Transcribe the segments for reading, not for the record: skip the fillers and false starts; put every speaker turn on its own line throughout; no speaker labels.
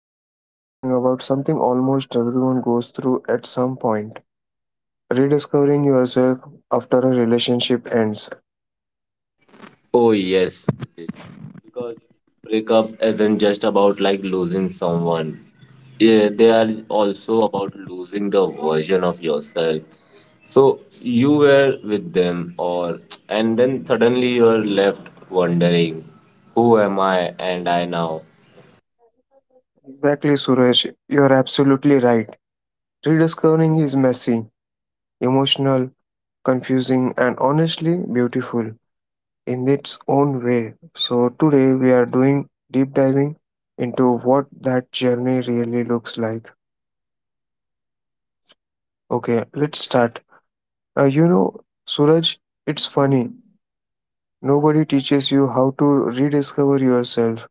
Today we are talking about something almost everyone goes through at some point, rediscovering yourself after a relationship ends.
Oh yes, because breakup isn't just about like losing someone. Yeah, they are also about losing the version of yourself. So you were with them, or and then suddenly you are left wondering, who am I and I now?
Exactly, Suresh, you're absolutely right. Rediscovering is messy, emotional, confusing, and honestly beautiful in its own way. So, today we are doing deep diving into what that journey really looks like. Okay, let's start. Uh, you know, Suraj, it's funny. Nobody teaches you how to rediscover yourself.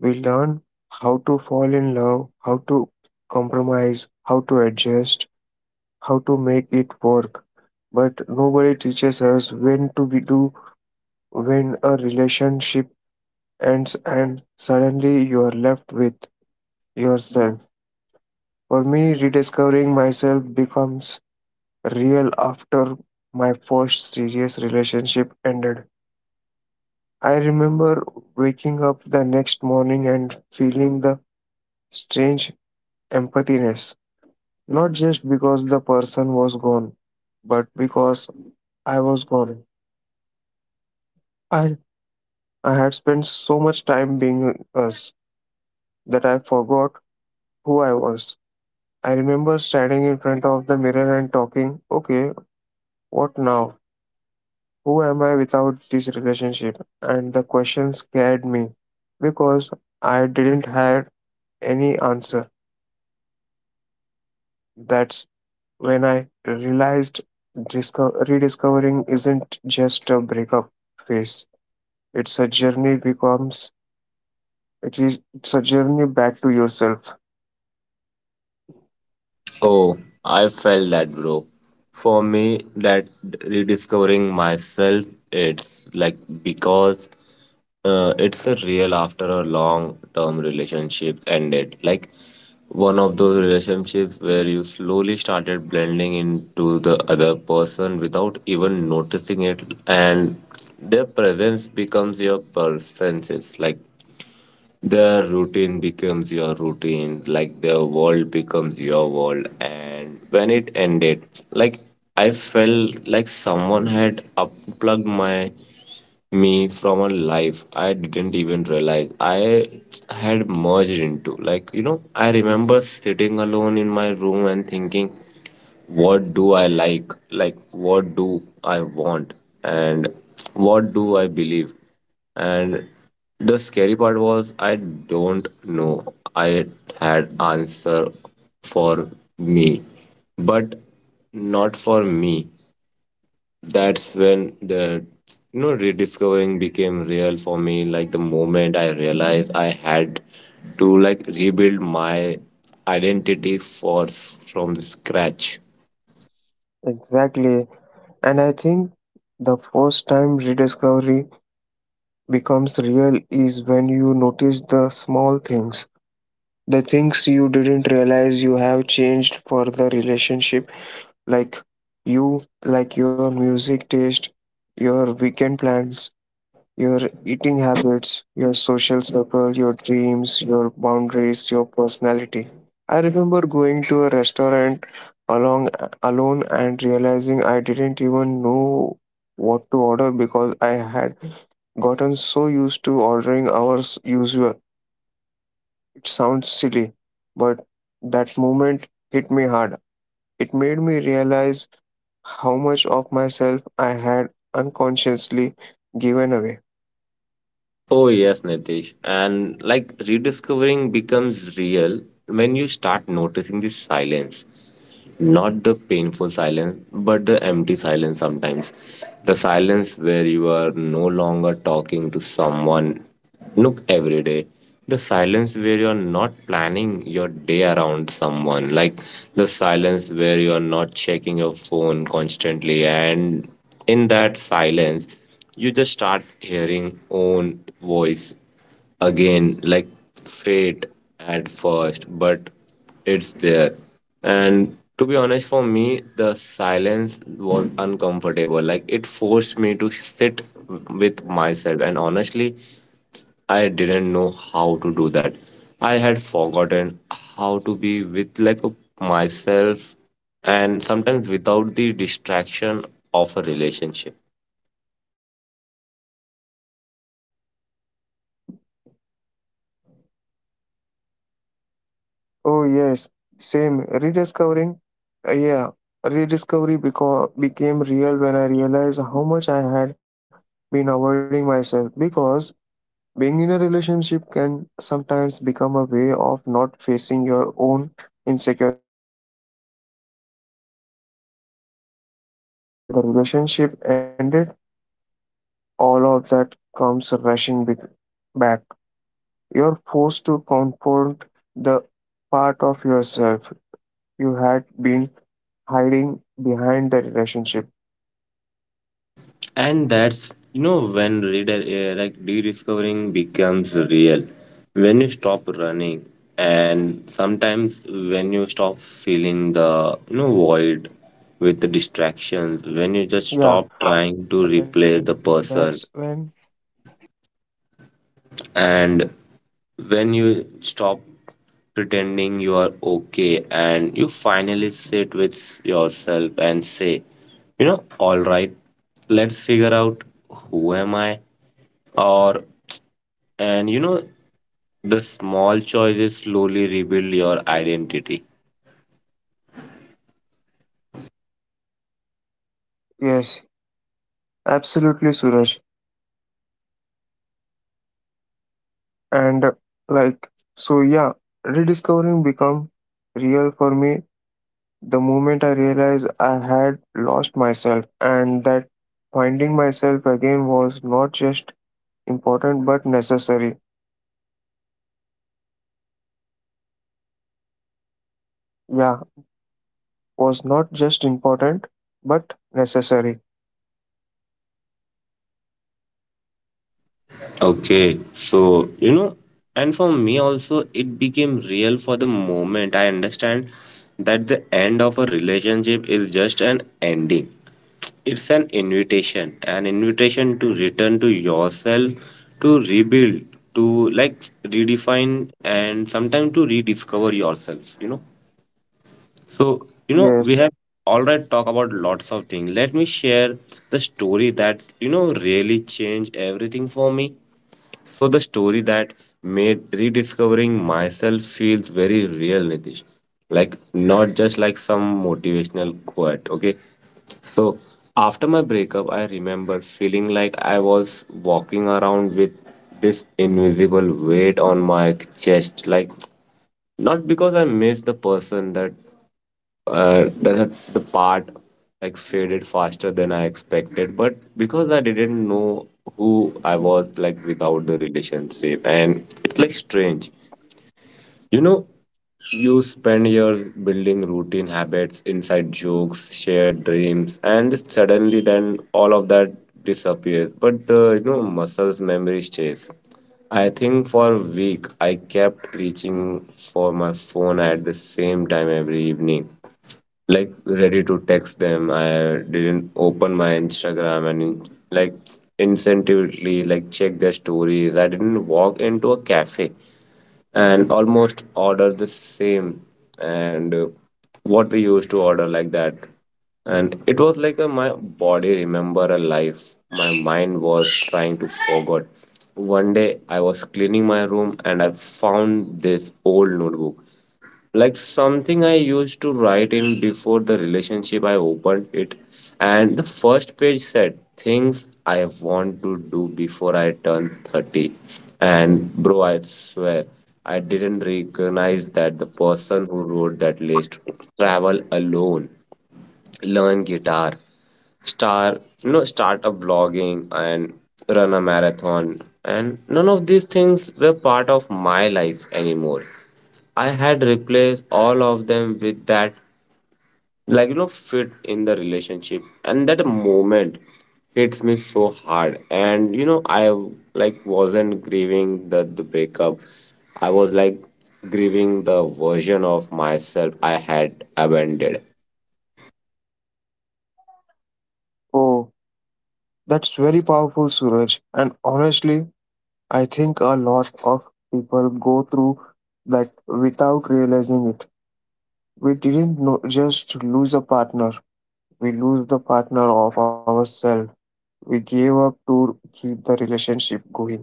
We learn how to fall in love, how to compromise, how to adjust, how to make it work. But nobody teaches us when to be do when a relationship ends and suddenly you are left with yourself. For me, rediscovering myself becomes real after my first serious relationship ended. I remember waking up the next morning and feeling the strange emptiness, not just because the person was gone, but because I was gone. I, I had spent so much time being us that I forgot who I was. I remember standing in front of the mirror and talking, okay, what now? Who am I without this relationship? And the question scared me because I didn't have any answer. That's when I realized rediscovering isn't just a breakup phase. It's a journey becomes it is it's a journey back to yourself.
Oh, I felt that, bro. For me, that rediscovering myself, it's like because it's a real after a long term relationship ended. Like one of those relationships where you slowly started blending into the other person without even noticing it, and their presence becomes your presences. Like their routine becomes your routine, like their world becomes your world. And when it ended, like I felt like someone had unplugged my me from a life I didn't even realize I had merged into. Like, you know, I remember sitting alone in my room and thinking, what do I like what do I want, and what do I believe. And the scary part was I don't know I had answer for me, but not for me. That's when the rediscovering became real for me. Like the moment I realized I had to like rebuild my identity for from the scratch.
Exactly. And I think the first time rediscovery becomes real is when you notice the small things. The things you didn't realize you have changed for the relationship, like like your music taste, your weekend plans, your eating habits, your social circle, your dreams, your boundaries, your personality. I remember going to a restaurant along alone and realizing I didn't even know what to order because I had gotten so used to ordering our usual. It sounds silly, but that moment hit me hard. It made me realize how much of myself I had unconsciously given away.
Oh, yes, Nitish. And like rediscovering becomes real when you start noticing the silence. Not the painful silence, but the empty silence sometimes. The silence where you are no longer talking to someone. Look, every day. The silence where you're not planning your day around someone, like the silence where you're not checking your phone constantly, and in that silence, you just start hearing own voice again like fate at first, but it's there. And to be honest, for me, the silence was uncomfortable. Like it forced me to sit with myself. And honestly, I didn't know how to do that. I had forgotten how to be with like myself and sometimes without the distraction of a relationship.
Oh yes, same. Rediscovering, yeah, rediscovery because became real when I realized how much I had been avoiding myself. Because being in a relationship can sometimes become a way of not facing your own insecurity, your own fear, your own empathiness, you know. And when the relationship ended, all of that comes rushing back. You're forced to confront the part of yourself you had been hiding behind the relationship.
And that's when reader like rediscovering becomes real when you stop running, and sometimes when you stop feeling the void with the distractions, when you just
Yeah.
stop trying to replace the person and when you stop pretending you are okay and you finally sit with yourself and say, all right, let's figure out who am I. Or, and the small choices slowly rebuild your identity.
Yes, absolutely, Suraj. And like, so yeah, rediscovering become real for me the moment I realized I had lost myself and that finding myself again was not just important but necessary. Yeah, was not just important but necessary.
Okay, so and for me also, it became real for the moment. I understand that the end of a relationship is just an ending, it's an invitation to return to yourself, to rebuild, to like redefine, and sometimes to rediscover yourself, you know. So, we
Yes.
have already talked about lots of things. Let me share the story that, really changed everything for me. So, the story that made rediscovering myself feels very real, Nitish. Like, not just like some motivational quote, okay? So, after my breakup, I remember feeling like I was walking around with this invisible weight on my chest. Like, not because I missed the person, that the part like faded faster than I expected. But because I didn't know who I was like without the relationship, and it's like strange. You know, you spend years building routine habits, inside jokes, shared dreams, and suddenly then all of that disappears. But the muscles memory stays. I think for a week I kept reaching for my phone at the same time every evening, like ready to text them. I didn't open my Instagram and like instinctively like check their stories. I didn't walk into a cafe and almost order the same, and what we used to order like that. And it was like my body remember a life. My mind was trying to forget. One day I was cleaning my room and I found this old notebook, like something I used to write in before the relationship. I opened it. And the first page said, Things I want to do before I turn 30. And bro, I swear, I didn't recognize that the person who wrote that list. Travel alone, learn guitar, star, start a vlogging and run a marathon. And none of these things were part of my life anymore. I had replaced all of them with that, like, fit in the relationship. And that moment hits me so hard. And, you know, I like wasn't grieving the breakup. I was like grieving the version of myself I had abandoned.
Oh, that's very powerful, Suraj. And honestly, I think a lot of people go through that without realizing it. We didn't no just lose a partner, we lose the partner of ourselves. We gave up to keep the relationship going.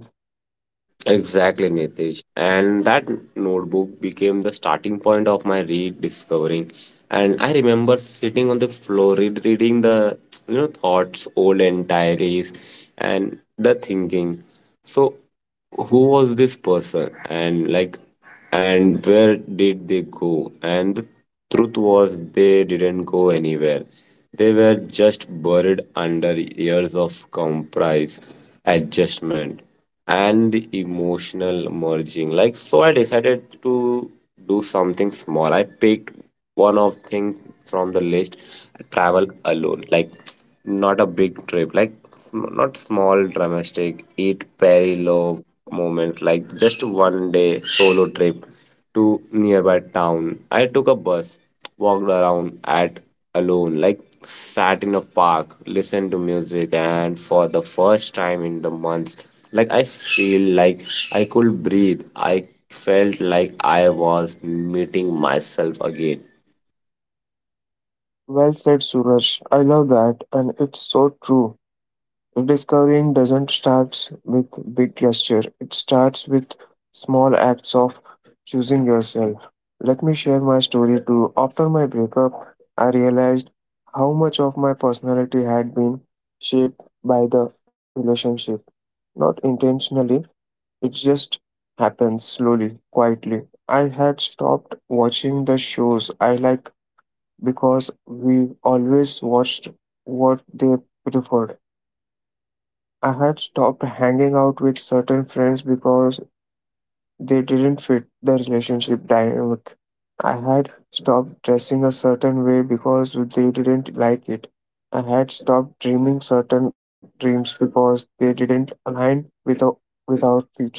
Exactly, Nitish. And that notebook became the starting point of my rediscovering. And I remember sitting on the floor, reading the thoughts, old and diaries, and the thinking. So, who was this person? And like and where did they go? And the truth was, they didn't go anywhere. They were just buried under years of compromise, adjustment, and the emotional merging. Like, so I decided to do something small. I picked one of things from the list. Travel alone, like not a big trip, like not small domestic, eat very low moments, like just one day solo trip to nearby town. I took a bus, walked around at alone, like sat in a park, listened to music, and for the first time in the month, like I feel like I could breathe. I felt like I was meeting myself again.
Well said, Suraj. I love that, and it's so true. Rediscovering doesn't start with big gesture, it starts with small acts of choosing yourself. Let me share my story too. After my breakup, I realized how much of my personality had been shaped by the relationship. Not intentionally, it just happens slowly, quietly. I had stopped watching the shows I like because we always watched what they preferred. I had stopped hanging out with certain friends because they didn't fit the relationship dynamic. I had stopped dressing a certain way because they didn't like it. I had stopped dreaming certain dreams because they didn't align with, with our future.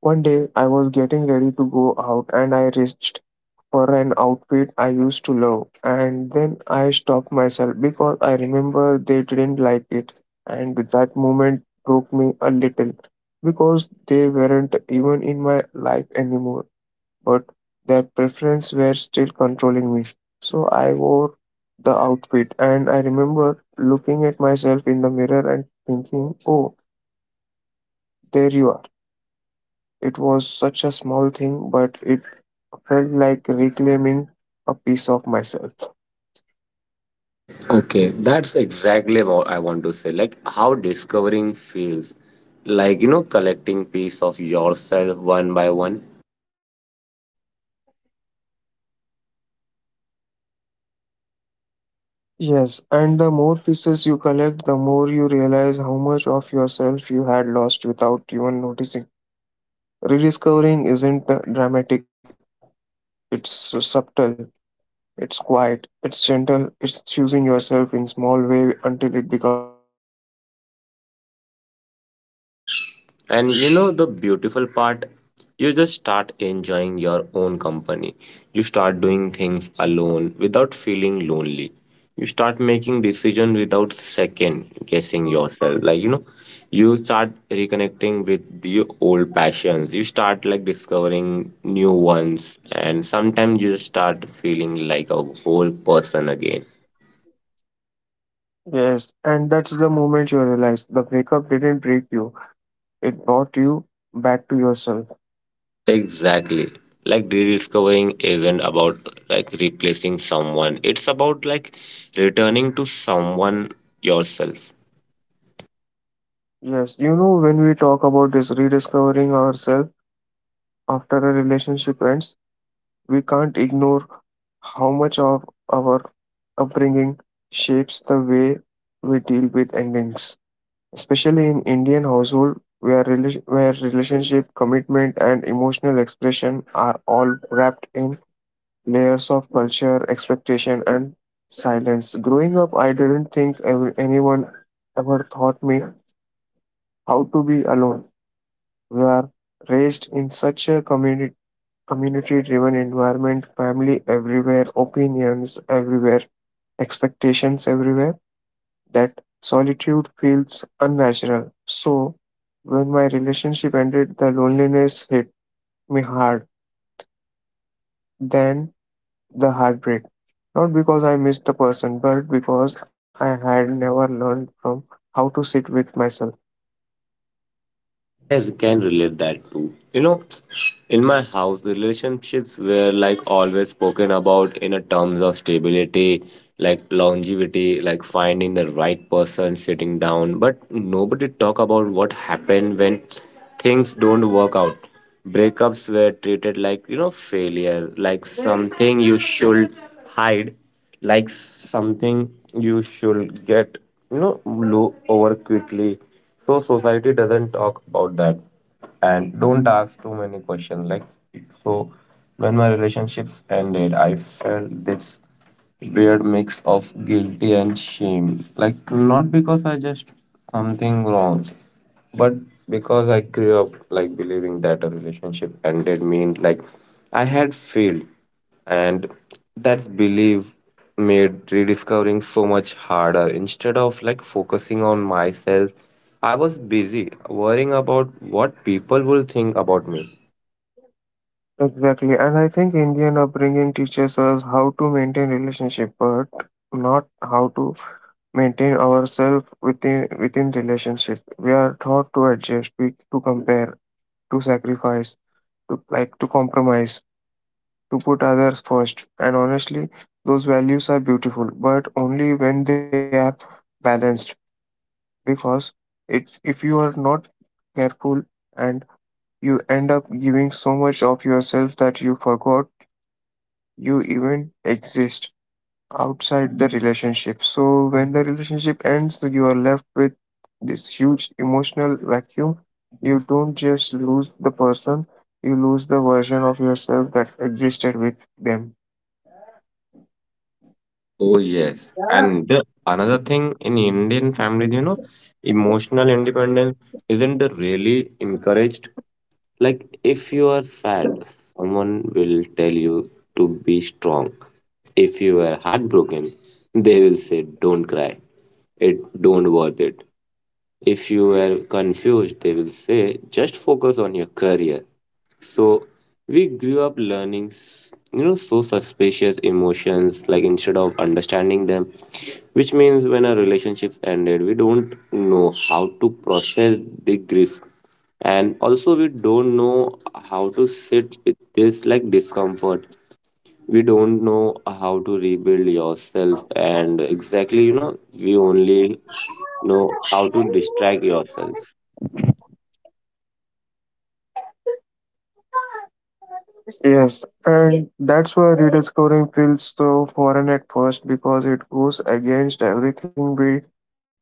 One day, I was getting ready to go out and I reached for an outfit I used to love. And then I stopped myself because I remember they didn't like it. And that moment broke me a little because they weren't even in my life anymore, but their preferences were still controlling me. So I wore the outfit and I remember looking at myself in the mirror and thinking, oh, there you are. It was such a small thing, but it felt like reclaiming a piece of myself.
Okay, that's exactly what I want to say. Like how discovering feels. Like, collecting piece of yourself one by one.
Yes, and the more pieces you collect, the more you realize how much of yourself you had lost without even noticing. Rediscovering isn't dramatic, it's subtle, it's quiet, it's gentle, it's choosing yourself in small way until it becomes natural again.
And you know the beautiful part? You just start enjoying your own company. You start doing things alone without feeling lonely. You start making decisions without second guessing yourself. Like, you start reconnecting with your old passions. You start like discovering new ones. And sometimes you just start feeling like a whole person again.
Yes, and that's the moment you realize the breakup didn't break you, it brought you back to yourself.
Exactly. Like rediscovering isn't about like replacing someone. It's about like returning to someone, yourself.
Yes, you know, when we talk about this rediscovering ourselves after a relationship ends, we can't ignore how much of our upbringing shapes the way we deal with endings, especially in Indian household where where relationship, commitment, and emotional expression are all wrapped in layers of culture, expectation, and silence. Growing up, I didn't think anyone ever taught me how to be alone. We are raised in such a community driven environment, family everywhere, opinions everywhere, expectations everywhere, that solitude feels unnatural. So, when my relationship ended, the loneliness hit me hard, then the heartbreak. Not because I missed the person, but because I had never learned from how to sit with myself.
I can relate that too. You know, in my house, relationships were like always spoken about in a terms of stability, like longevity, like finding the right person, sitting down. But nobody talk about what happened when things don't work out. Breakups were treated like failure, like something you should hide, likes something you should get low over quickly, so society doesn't talk about that and don't ask too many questions, like. So when my relationships ended, I felt this weird mix of guilty and shame, like not because I just something wrong, but because I grew up like believing that a relationship ended meant like I had failed. And that's belief made rediscovering so much harder. Instead of like focusing on myself, I was busy worrying about what people will think about me.
Exactly. And I think Indian upbringing teaches us how to maintain relationship, but not how to maintain ourselves within relationship. We are taught to adjust, to compare, to sacrifice, to compromise, to put others first. And honestly, those values are beautiful, but only when they are balanced. Because it if you are not careful and you end up giving so much of yourself that you forgot you even exist outside the relationship. So when the relationship ends, you are left with this huge emotional vacuum. You don't just lose the person, you lose the version of yourself that existed with them.
Oh, yes. And the another thing, in Indian families, emotional independence isn't really encouraged. Like, if you are sad, someone will tell you to be strong. If you are heartbroken, they will say, Don't cry. It don't worth it. If you were confused, they will say, just focus on your career. So we grew up learning, so suspicious emotions, like instead of understanding them, which means when our relationships ended, we don't know how to process the grief. And also, we don't know how to sit with this like discomfort. We don't know how to rebuild yourself, and exactly, we only know how to distract yourself.
Yes, and that's why rediscovering feels so foreign at first because it goes against everything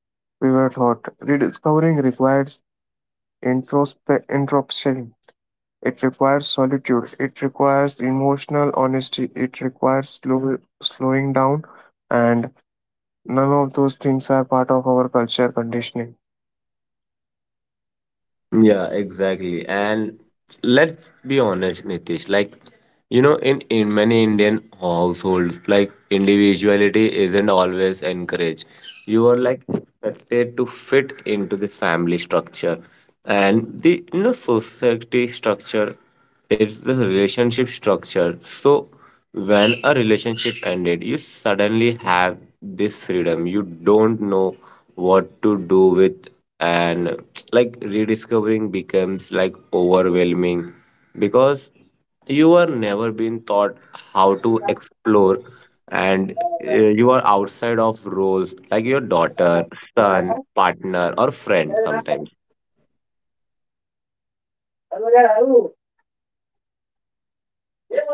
we were taught. Rediscovering requires introspection. It requires solitude. It requires emotional honesty. It requires slowing down. And none of those things are part of our culture conditioning.
Yeah, exactly. And let's be honest, Nitish, like, in many Indian households, like, individuality isn't always encouraged. You are like expected to fit into the family structure and the, society structure, it's the relationship structure. So, when a relationship ended, you suddenly have this freedom you don't know what to do with. And like rediscovering becomes like overwhelming because you are never been taught how to explore, and you are outside of roles, like your daughter, son, partner, or friend sometimes.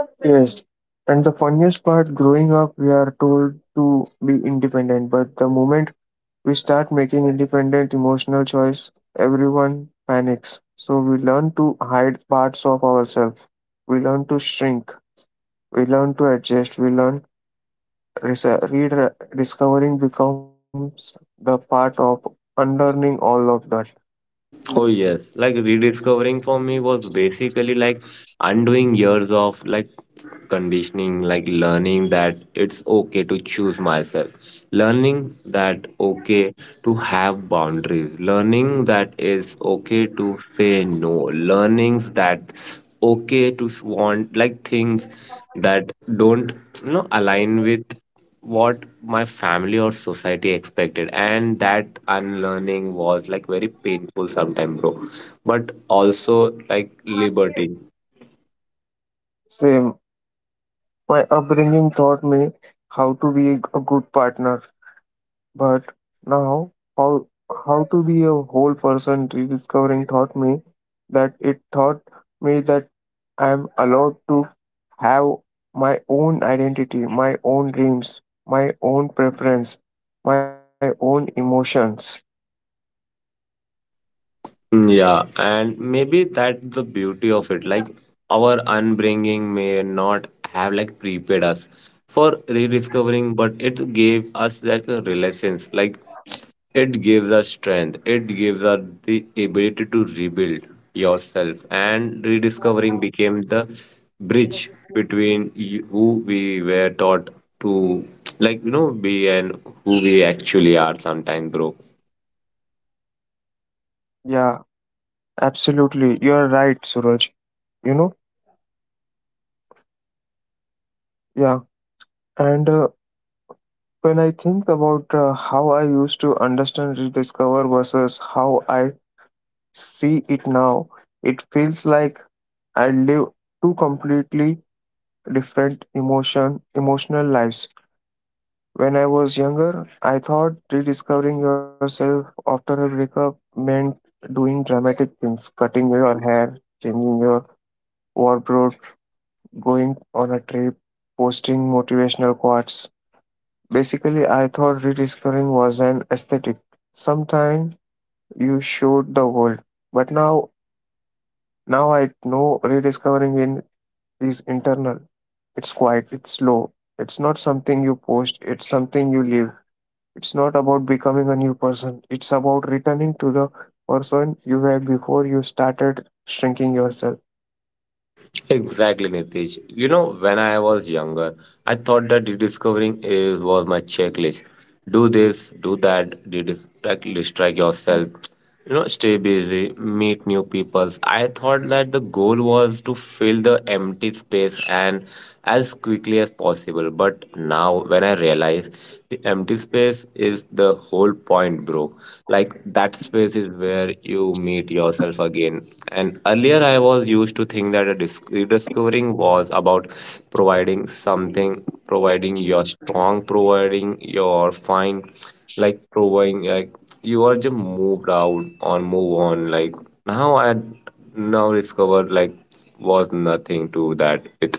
Yes. And the funniest part, growing up, we are told to be independent, but the moment we start making independent emotional choice, everyone panics. So we learn to hide parts of ourselves. We learn to shrink. We learn to adjust. We learn discovering becomes the part of unlearning all of that.
Oh yes, like rediscovering for me was basically like undoing years of like conditioning, like learning that it's okay to choose myself, learning that okay to have boundaries, learning that it's okay to say no, learnings that okay to want like things that don't align with what my family or society expected. And that unlearning was like very painful sometime, bro, but also like liberty.
Same. My upbringing taught me how to be a good partner. But now, how to be a whole person rediscovering taught me that. It taught me that I am allowed to have my own identity, my own dreams, my own preference, my own emotions.
Yeah, and maybe that the beauty of it. Like our unbringing may not have like prepared us for rediscovering, but it gave us like a renaissance. Like it gives us strength. It gives us the ability to rebuild yourself. And rediscovering became the bridge between you, who we were taught to, like be, and who we actually are. Sometimes, bro.
Yeah, absolutely. You're right, Suraj. You know, yeah. And when I think about how I used to understand rediscover versus how I see it now, it feels like I live two completely different emotional lives. When I was younger, I thought rediscovering yourself after a breakup meant doing dramatic things, cutting your hair, changing your wardrobe, going on a trip, posting motivational quotes. Basically, I thought rediscovering was an aesthetic. Sometime you showed the world. But now I know rediscovering in is internal. It's quiet, it's slow. It's not something you post, it's something you live. It's not about becoming a new person, it's about returning to the person you were before you started shrinking yourself.
Exactly, Nitish. You know, when I was younger, I thought that rediscovering is was my checklist. Do this, do that, redistract, distract yourself. You know, stay busy, meet new people. I thought that the goal was to fill the empty space and as quickly as possible. But now, when I realize the empty space is the whole point, bro. Like, that space is where you meet yourself again. Earlier, I was used to think that rediscovering was about providing something, providing your strong, providing your fine, like providing, like you are just moved out or move on. Like now, I now discovered like was nothing to that. It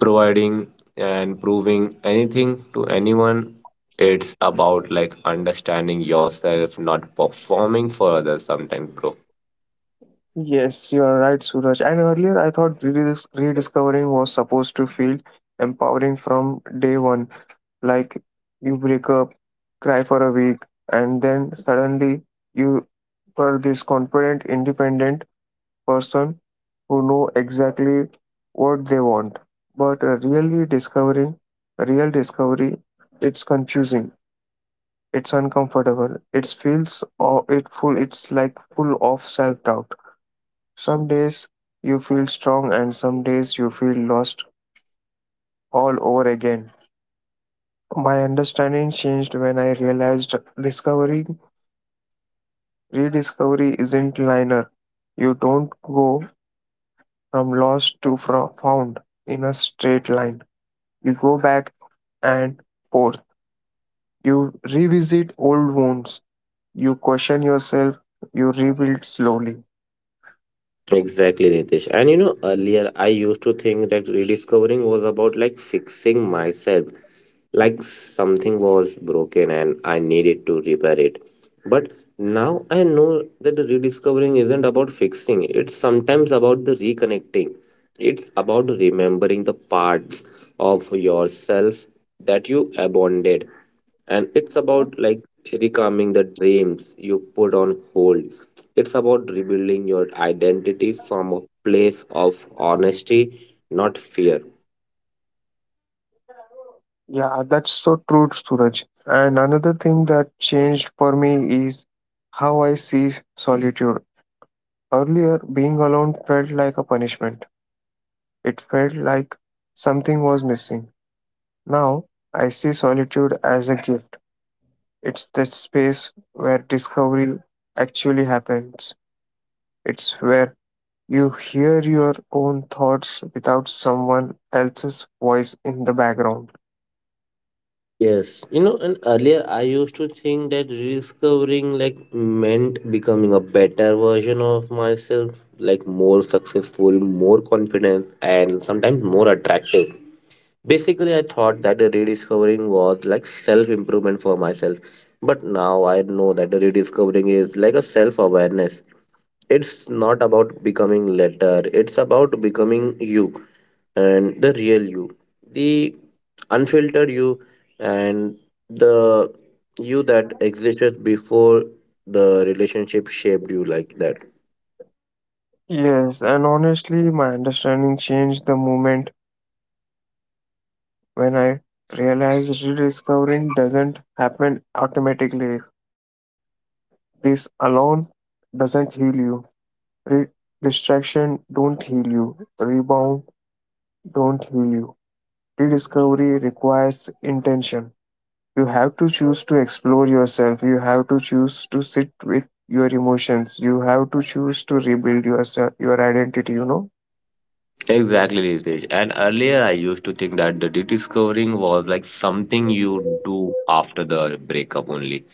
providing and proving anything to anyone. It's about like understanding yourself, not performing for others. Sometimes, bro.
Yes, you are right, Suraj. And earlier, I thought rediscovering was supposed to feel empowering from day one. Like you break up, cry for a week, and then suddenly you are this confident, independent person who know exactly what they want. But real discovery, it's confusing. It's uncomfortable. It feels or it full. It's like full of self doubt. Some days you feel strong, and some days you feel lost all over again. My understanding changed when I realized discovery, rediscovery isn't linear. You don't go from lost to found in a straight line. You go back and forth. You revisit old wounds. You question yourself. You rebuild slowly.
Exactly, Nitish. And you know, earlier I used to think that rediscovering was about like fixing myself, like something was broken and I needed to repair it. But now I know that the rediscovering isn't about fixing, it's sometimes about the reconnecting. It's about remembering the parts of yourself that you abandoned, and it's about like recalming the dreams you put on hold. It's about rebuilding your identity from a place of honesty, not fear.
Yeah, that's so true, Suraj. And another thing that changed for me is how I see solitude. Earlier, being alone felt like a punishment, it felt like something was missing. Now, I see solitude as a gift. It's the space where discovery actually happens, it's where you hear your own thoughts without someone else's voice in the background.
Yes, you know, and earlier I used to think that rediscovering like meant becoming a better version of myself, like more successful, more confident, and sometimes more attractive. Basically, I thought that the rediscovering was like self improvement for myself, but now I know that the rediscovering is like a self awareness. It's not about becoming later, it's about becoming you, and the real you, the unfiltered you, and the you that existed before the relationship shaped you like that.
Yes, and honestly, my understanding changed the moment when I realized rediscovering doesn't happen automatically. This alone doesn't heal you. Re- Distraction don't heal you. Rebound don't heal you. Rediscovery requires intention. You have to choose to explore yourself. You have to choose to sit with your emotions. You have to choose to rebuild yourself, your identity, you know?
Exactly, Ritesh. And earlier, I used to think that the rediscovering was like something you do after the breakup only.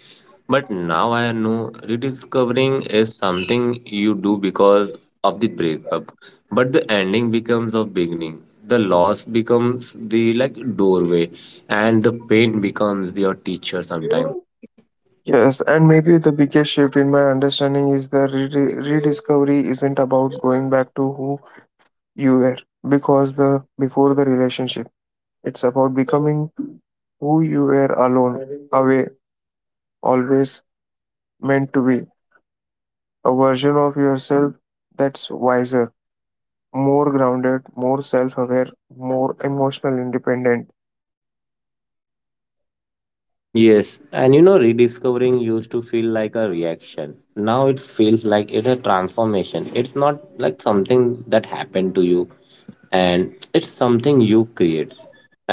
But now I know rediscovering is something you do because of the breakup. But the ending becomes of beginning. The loss becomes the like doorway, and the pain becomes your teacher sometimes.
Yes, and maybe the biggest shift in my understanding is the rediscovery isn't about going back to who you were because the before the relationship. It's about becoming who you were alone, away, always meant to be, a version of yourself that's wiser, more grounded, more self aware, more emotional independent.
Yes, and you know, rediscovering used to feel like a reaction. Now it feels like it's a transformation. It's not like something that happened to you, and it's something you create.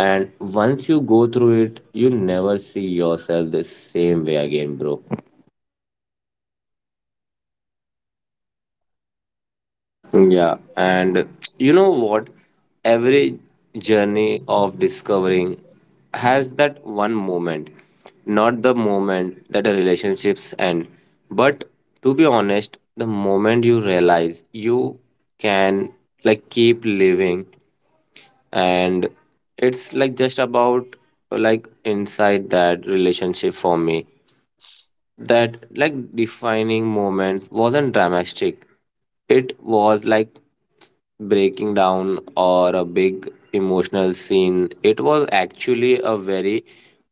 And once you go through it, you never see yourself the same way again, bro. Yeah, and you know what? Every journey of discovering has that one moment, not the moment that a relationships end, but to be honest, the moment you realize you can like keep living, and it's like just about like inside that relationship for me. That like defining moment wasn't dramatic, it was like breaking down or a big emotional scene. It was actually a very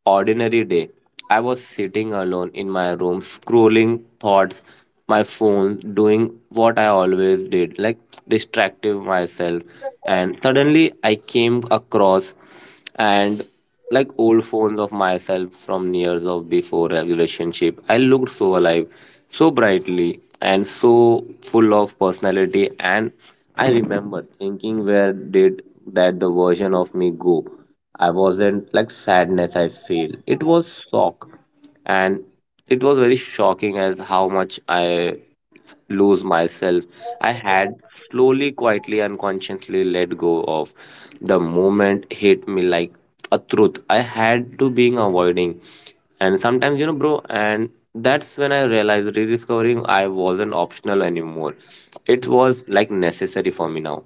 ordinary day. I was sitting alone in my room scrolling thoughts my phone, doing what I always did, like distracting myself, and suddenly I came across and like old phones of myself from years of before a relationship. I looked so alive, so brightly, and so full of personality. And I remember thinking, where did that the version of me go? I wasn't like sadness, I feel it was shock. And it was very shocking as how much I lose myself. I had slowly, quietly, unconsciously let go of. The moment hit me like a truth I had to being avoiding. And sometimes, you know, bro, and that's when I realized rediscovering I wasn't optional anymore. It was like necessary for me now.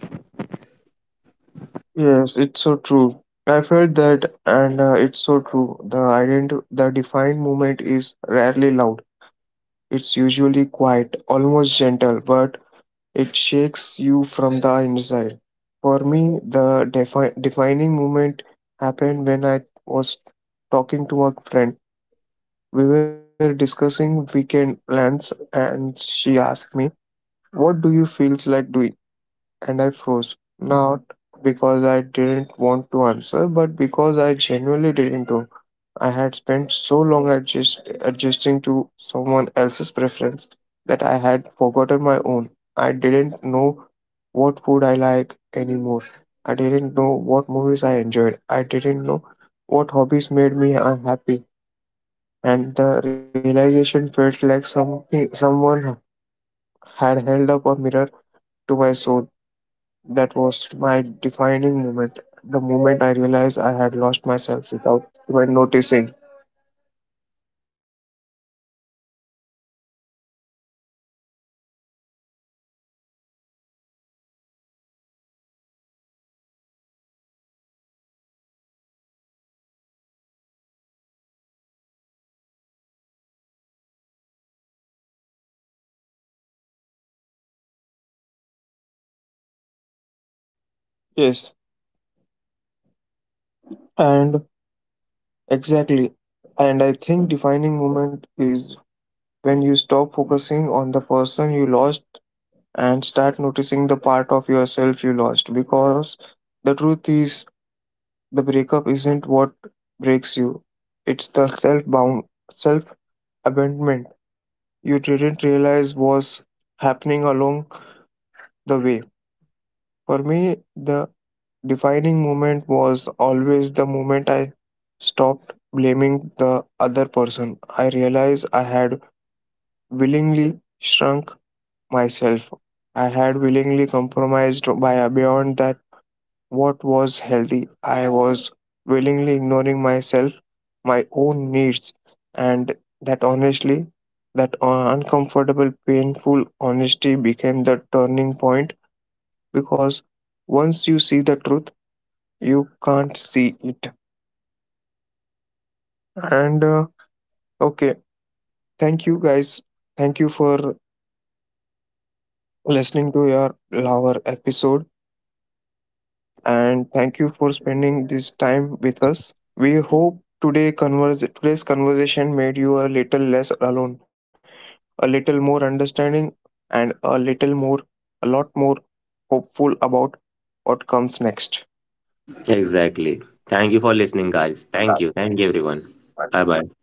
Yes, it's so true. I felt that, and it's so true. The the defined movement is rarely loud. It's usually quiet, almost gentle, but it shakes you from the inside. For me, the defining movement happened when I was talking to a friend. We were discussing weekend plans, and she asked me, "What do you feel like doing?" and I froze. Not because I didn't want to answer, but because I genuinely didn't know. I had spent so long adjusting to someone else's preference that I had forgotten my own. I didn't know what food I like anymore. I didn't know what movies I enjoyed. I didn't know what hobbies made me unhappy. And the realization felt like something someone had held up a mirror to my soul. That was my defining moment, the moment I realized I had lost myself without even noticing. Yes, and exactly. And I think defining moment is when you stop focusing on the person you lost and start noticing the part of yourself you lost. Because the truth is, the breakup isn't what breaks you, it's the self bound, self abandonment you didn't realize was happening along the way. For me, the defining moment was always the moment I stopped blaming the other person. I realized I had willingly shrunk myself. I had willingly compromised by a beyond that what was healthy. I was willingly ignoring myself, my own needs, and that honestly, that uncomfortable, painful honesty became the turning point because once you see the truth, you can't see it and okay, thank you guys, thank you for listening to your our episode and thank you for spending this time with us. We hope today's conversation made you a little less alone, a little more understanding, and a lot more hopeful about what comes next.
Exactly. Thank you for listening, guys. Thank you. Thank you, everyone. Bye bye.